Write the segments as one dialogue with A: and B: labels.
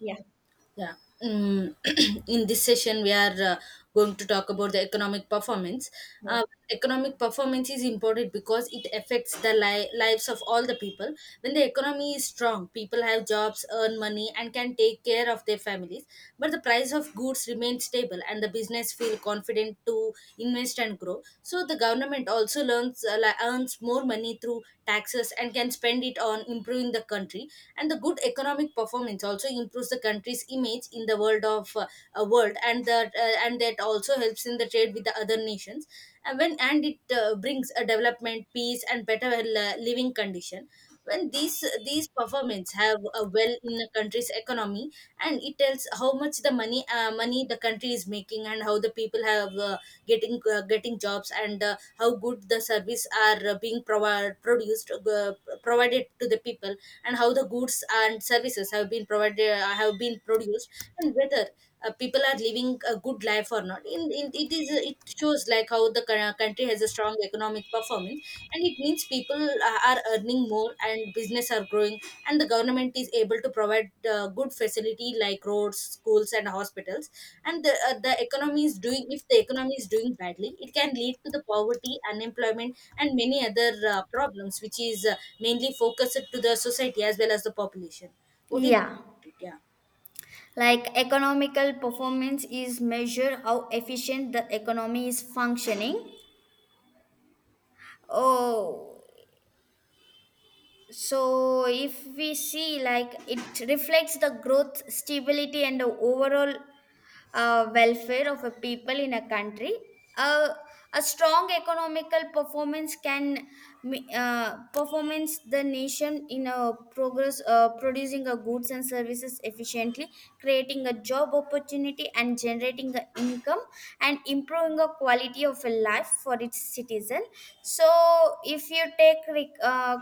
A: Yeah.
B: Yeah. Um, in this session, we are going to talk about the economic performance.
A: yeah.
B: Uh, Economic performance is important because it affects the lives of all the people. When the economy is strong, people have jobs, earn money, and can take care of their families. But the price of goods remains stable, and the business feel confident to invest and grow, so the government also earns more money through taxes and can spend it on improving the country. And the good economic performance also improves the country's image in the world, and that also helps in the trade with the other nations, and it brings a development, peace, and better living condition when these performances have a well in a country's economy, and it tells how much the money the country is making, and how the people have getting jobs, and how good the service are being produced, provided to the people, and how the goods and services have been provided have been produced, and whether people are living a good life or not. In it, is it shows like how the country has a strong economic performance, and it means people are earning more, and business are growing, and the government is able to provide good facility like roads, schools, and hospitals. And the economy is doing if the economy is doing badly, it can lead to the poverty, unemployment, and many other problems, which is mainly focused to the society as well as the population. What do you think
A: Yeah.
B: about it? Yeah.
A: Like economical performance is measure how efficient the economy is functioning. Oh, so if we see like it reflects the growth stability and the overall welfare of a people in a country. uh, a strong economical performance can performance the nation in a progress, producing a goods and services efficiently, creating a job opportunity and generating a income and improving the quality of a life for its citizen. So if you take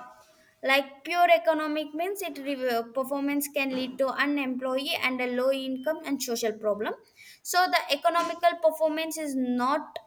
A: like pure economic means it performance can lead to unemployee and a low income and social problem. So the economical performance is not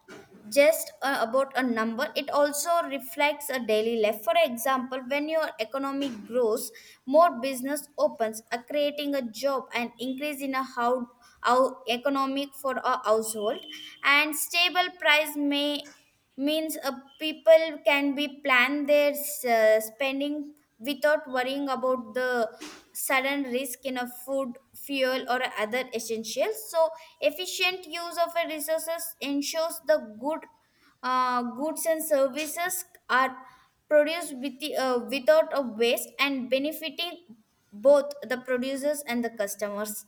A: just about a number, it also reflects a daily life. For example, when your economy grows more business opens, creating a job and increase in a how economic for a household. And stable price may means, people can be plan their spending without worrying about the sudden risk in a food fuel or other essentials. So efficient use of a resources ensures the good goods and services are produced with without a waste and benefiting both the producers and the customers.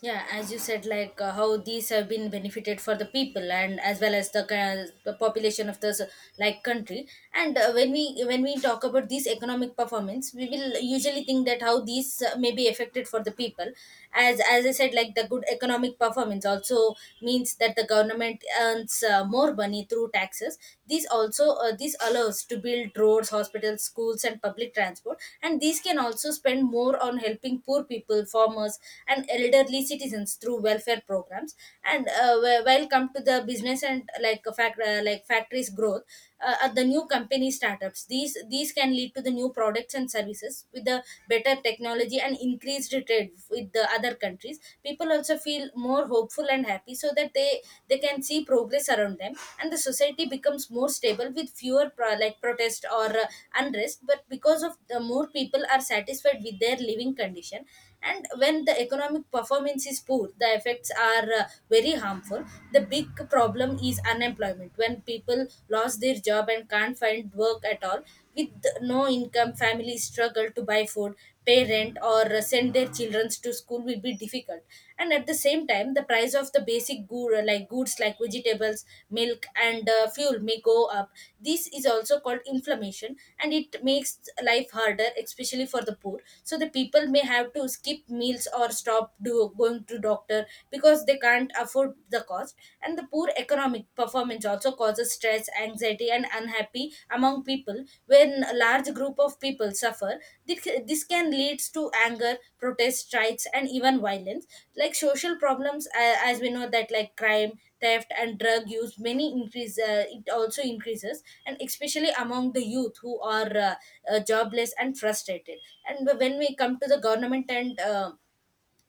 B: Yeah, as you said, like how these have been benefited for the people, and as well as the population of this like country. And uh, when we talk about these economic performance, we will usually think that how these may be affected for the people. As I said, like the good economic performance also means that the government earns more money through taxes. These also this allows to build roads, hospitals, schools, and public transport, and these can also spend more on helping poor people, farmers, and elderly citizens through welfare programs. And while come to the business, and like a fact like factories growth, at the new company startups, these can lead to the new products and services with the better technology and increased trade with the other countries. People also feel more hopeful and happy, so that they can see progress around them, and the society becomes more stable with fewer like protest or unrest, but because of the more people are satisfied with their living condition. And when the economic performance is poor, the effects are very harmful. The big problem is unemployment, when people lost their job and can't find work at all. With no income, families struggle to buy food, pay rent, or send their children to school, will be difficult. And at the same time, the price of the basic good like goods, foods like vegetables, milk, and fuel may go up. This is also called inflammation, and it makes life harder, especially for the poor. So the people may have to skip meals or stop going to doctor because they can't afford the cost. And the poor economic performance also causes stress, anxiety, and unhappy among people. When a large group of people suffer, this can lead to anger, protest, strikes, and even violence, like social problems. As we know that, like crime, theft, and drug use many increase, it also increases, and especially among the youth who are jobless and frustrated. And when we come to the government and uh,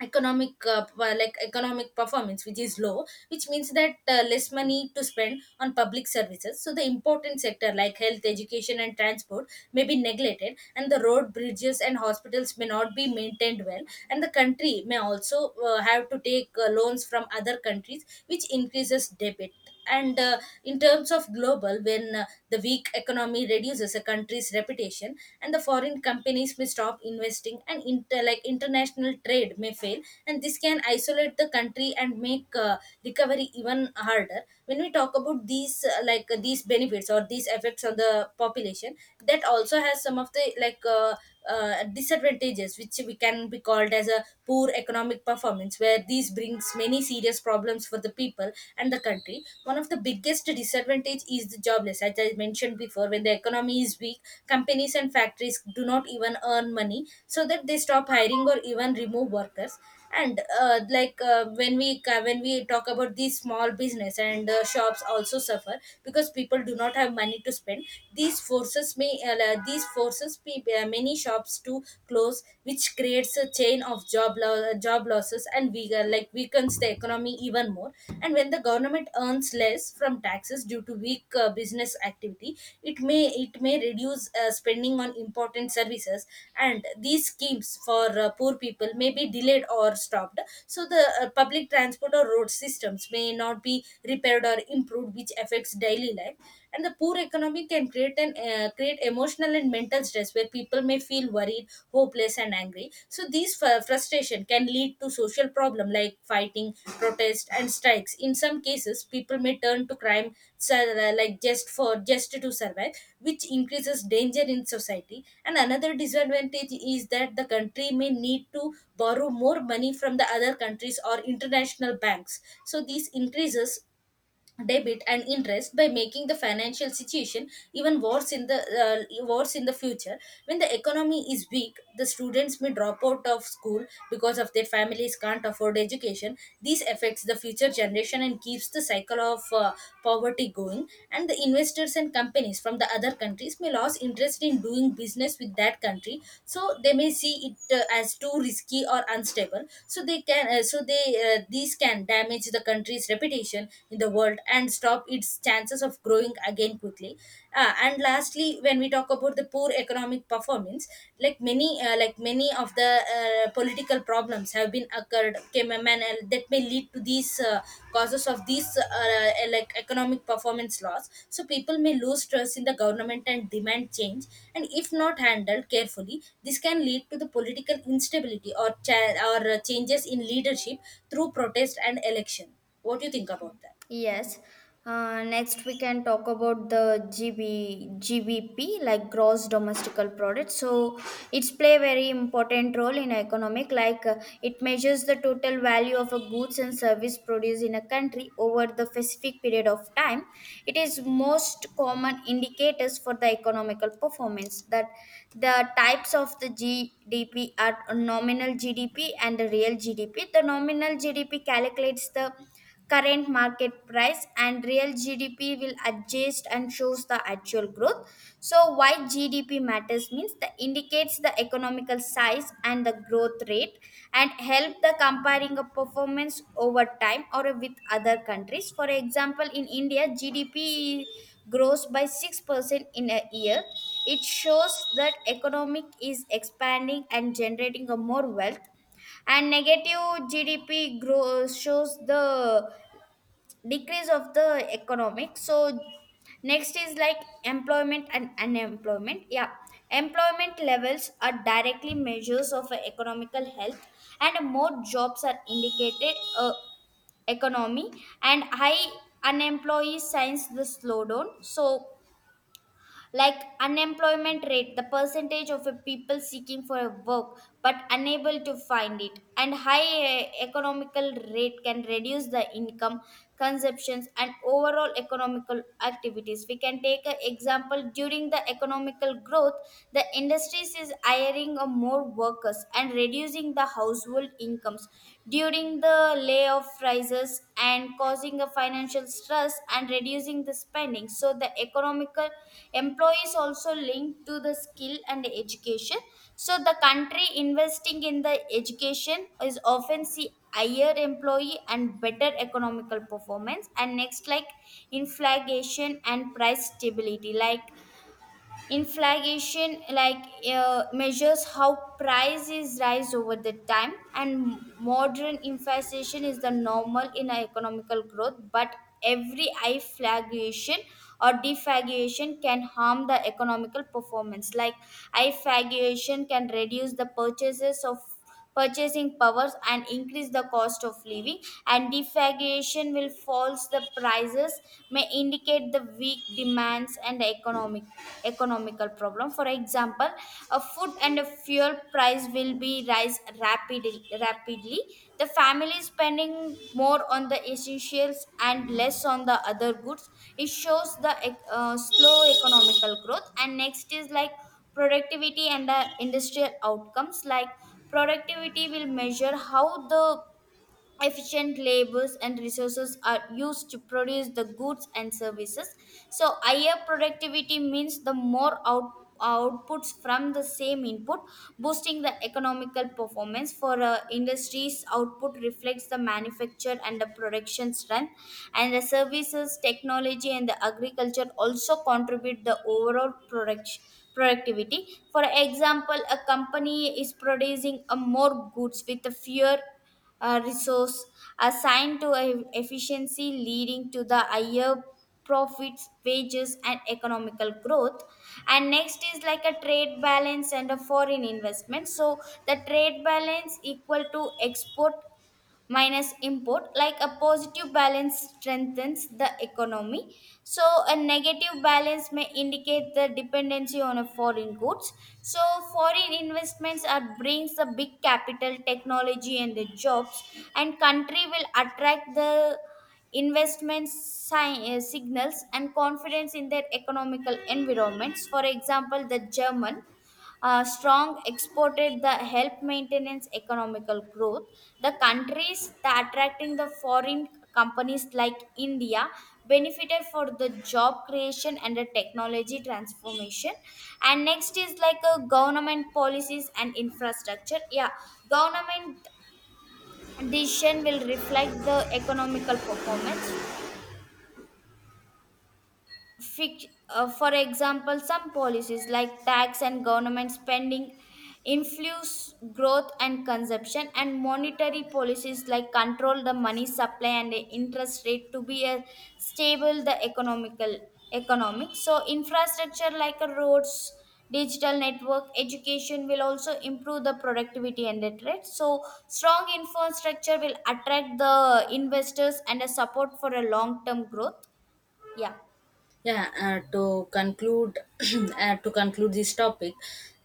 B: economic uh, p- like economic performance which is low, which means that less money to spend on public services. So the important sector like health, education, and transport may be neglected, and the road, bridges, and hospitals may not be maintained well, and the country may also have to take loans from other countries, which increases debt. And in terms of global, when the weak economy reduces a country's reputation, and the foreign companies may stop investing, and like international trade may fail, and this can isolate the country and make recovery even harder. When we talk about these these benefits or these effects on the population, that also has some of the disadvantages which we can be called as a poor economic performance deadlines, where these brings many serious problems for the people and the country. One of the biggest disadvantage is the jobless, as I mentioned before. When the economy is weak, companies and factories do not even earn money, so that they stop hiring or even remove workers. And when we talk about these small business, and shops also suffer because people do not have money to spend. These forces may, many shops to too close, which creates a chain of job losses and like weakens the economy even more. And when the government earns less from taxes due to weak business activity, it may reduce spending on important services, and these schemes for poor people may be delayed or stopped. So the public transport or road systems may not be repaired or improved, which affects daily life. And the poor economy can create an create emotional and mental stress, where people may feel worried, hopeless, and angry. So these frustration can lead to social problem like fighting, protest, and strikes. In some cases, people may turn to crime, like just for just to survive, which increases danger in society. And another disadvantage is that the country may need to borrow more money from the other countries or international banks. So this increases debit and interest, by making the financial situation even worse in the future. When the economy is weak, the students may drop out of school, because of their families can't afford education. This affects the future generation and keeps the cycle of poverty going. And the investors and companies from the other countries may lose interest in doing business with that country, so they may see it as too risky or unstable, so they, these can damage the country's reputation in the world and stop its chances of growing again quickly. And lastly, when we talk about the poor economic performance, like many of the political problems have been occurred came, and that may lead to these causes of these like economic performance loss. So people may lose trust in the government and demand change, and if not handled carefully, this can lead to the political instability or changes in leadership through protest and election. What do you think about that?
A: Yes. Next, we can talk about the G B G B P, like gross domestical product. So it's play very important role in economic. Like it measures the total value of a goods and service produced in a country over the specific period of time. It is most common indicators for the economical performance. That the types of the GDP are nominal GDP and the real GDP. The nominal GDP calculates the current market price and real GDP will adjust and shows the actual growth. So why GDP matters means that indicates the economical size and the growth rate and help the comparing a performance over time or with other countries. For example, in India, GDP grows by 6% in a year. It shows that economic is expanding and generating a more wealth. And negative gdp growth shows the decrease of the economic. So next is like employment and unemployment. Yeah, employment levels are directly measures of a economical health and more jobs are indicated, economy. And high unemployee signs the slowdown. So like unemployment rate the percentage of a people seeking for a work but unable to find it, and high, eh, economical rate can reduce the income consumptions and overall economical activities. We can take an example, during the economical growth the industries is hiring a more workers and reducing the household incomes, during the layoff rises and causing a financial stress and reducing the spending. So the economical employees also linked to the skill and education. So the country investing in the education is often see higher employee and better economical performance. And next, like inflation and price stability. Like inflation, like measures how prices rise over the time, and modern inflation is the normal in a economical growth. But every inflation or deflation can harm the economical performance. Like inflation can reduce the purchases of purchasing powers and increase the cost of living, and deflation will false the prices, may indicate the weak demands and economical problem. For example, a food and a fuel price will be rise rapidly, the family is spending more on the essentials and less on the other goods. It shows the slow economical growth. And next is like productivity and the industrial outcomes. Like productivity will measure how the efficient labors and resources are used to produce the goods and services. So higher productivity means the more outputs from the same input, boosting the economical performance. For industries output reflects the manufacture and the production strength, and the services technology and the agriculture also contribute the overall productivity. For example, a company is producing a more goods with a fewer resource assigned to a efficiency, leading to the higher profits, wages and economical growth. And next is like a trade balance and a foreign investment. So the trade balance equal to export minus import. Like a positive balance strengthens the economy, so a negative balance may indicate the dependency on a foreign goods. So foreign investments are brings the big capital technology and the jobs, and country will attract the signals and confidence in their economical environments. For example, the german strong exported the help maintenance economical growth. The countries that attracting the foreign companies like India benefited for the job creation and the technology transformation. And next is like a government policies and infrastructure. Yeah, government decision will reflect the economical performance. For example, some policies like tax and government spending influence growth and consumption, and monetary policies like control the money supply and the interest rate to be a stable the economic. So infrastructure like a roads, digital network, education will also improve the productivity and the trade. So strong infrastructure will attract the investors and a support for a long term growth. Yeah.
B: Yeah, to conclude, to conclude this topic,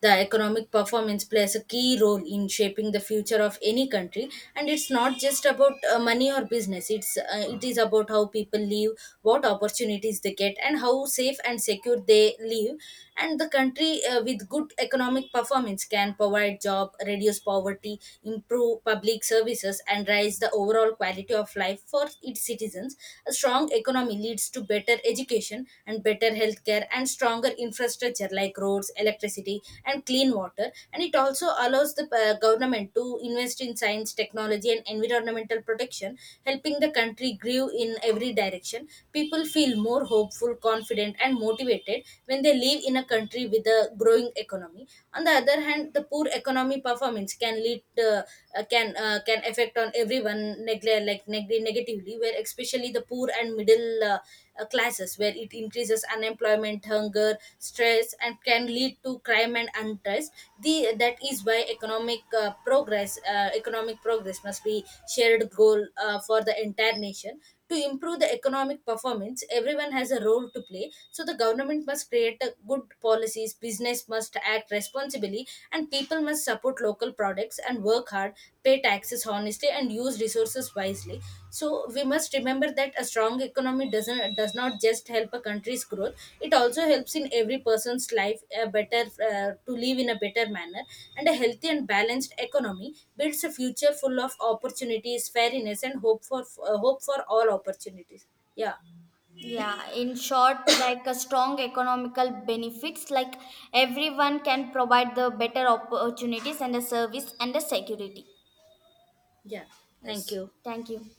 B: the economic performance plays a key role in shaping the future of any country, and it's not just about money or business. It is about how people live, what opportunities they get, and how safe and secure they live. And the country with good economic performance can provide job, reduce poverty, improve public services, and raise the overall quality of life for its citizens. A strong economy leads to better education and better healthcare and stronger infrastructure like roads, electricity, and clean water. And it also allows the government to invest in science, technology, and environmental protection, helping the country grow in every direction. People feel more hopeful, confident, and motivated when they live in a country with a growing economy. On the other hand, the poor economy performance change can lead can affect on everyone neglect like negatively, where especially the poor and middle classes, where it increases unemployment, hunger, stress, and can lead to crime and unrest. The that is why economic progress must be shared goal for the entire nation. To improve the economic performance, everyone has a role to play. So the government must create a good policies, business must act responsibly, and people must support local products and work hard, pay taxes honestly, and use resources wisely. So we must remember that a strong economy does not just help a country's growth, it also helps in every person's life a better, to live in a better manner, and a healthy and balanced economy builds a future full of opportunities, fairness, and hope for hope for all opportunities. Yeah.
A: Yeah, in short, like a strong economical benefits, like everyone can provide the better opportunities and the service and the security.
B: Yeah, thank
A: Yes,
B: you.
A: thank you.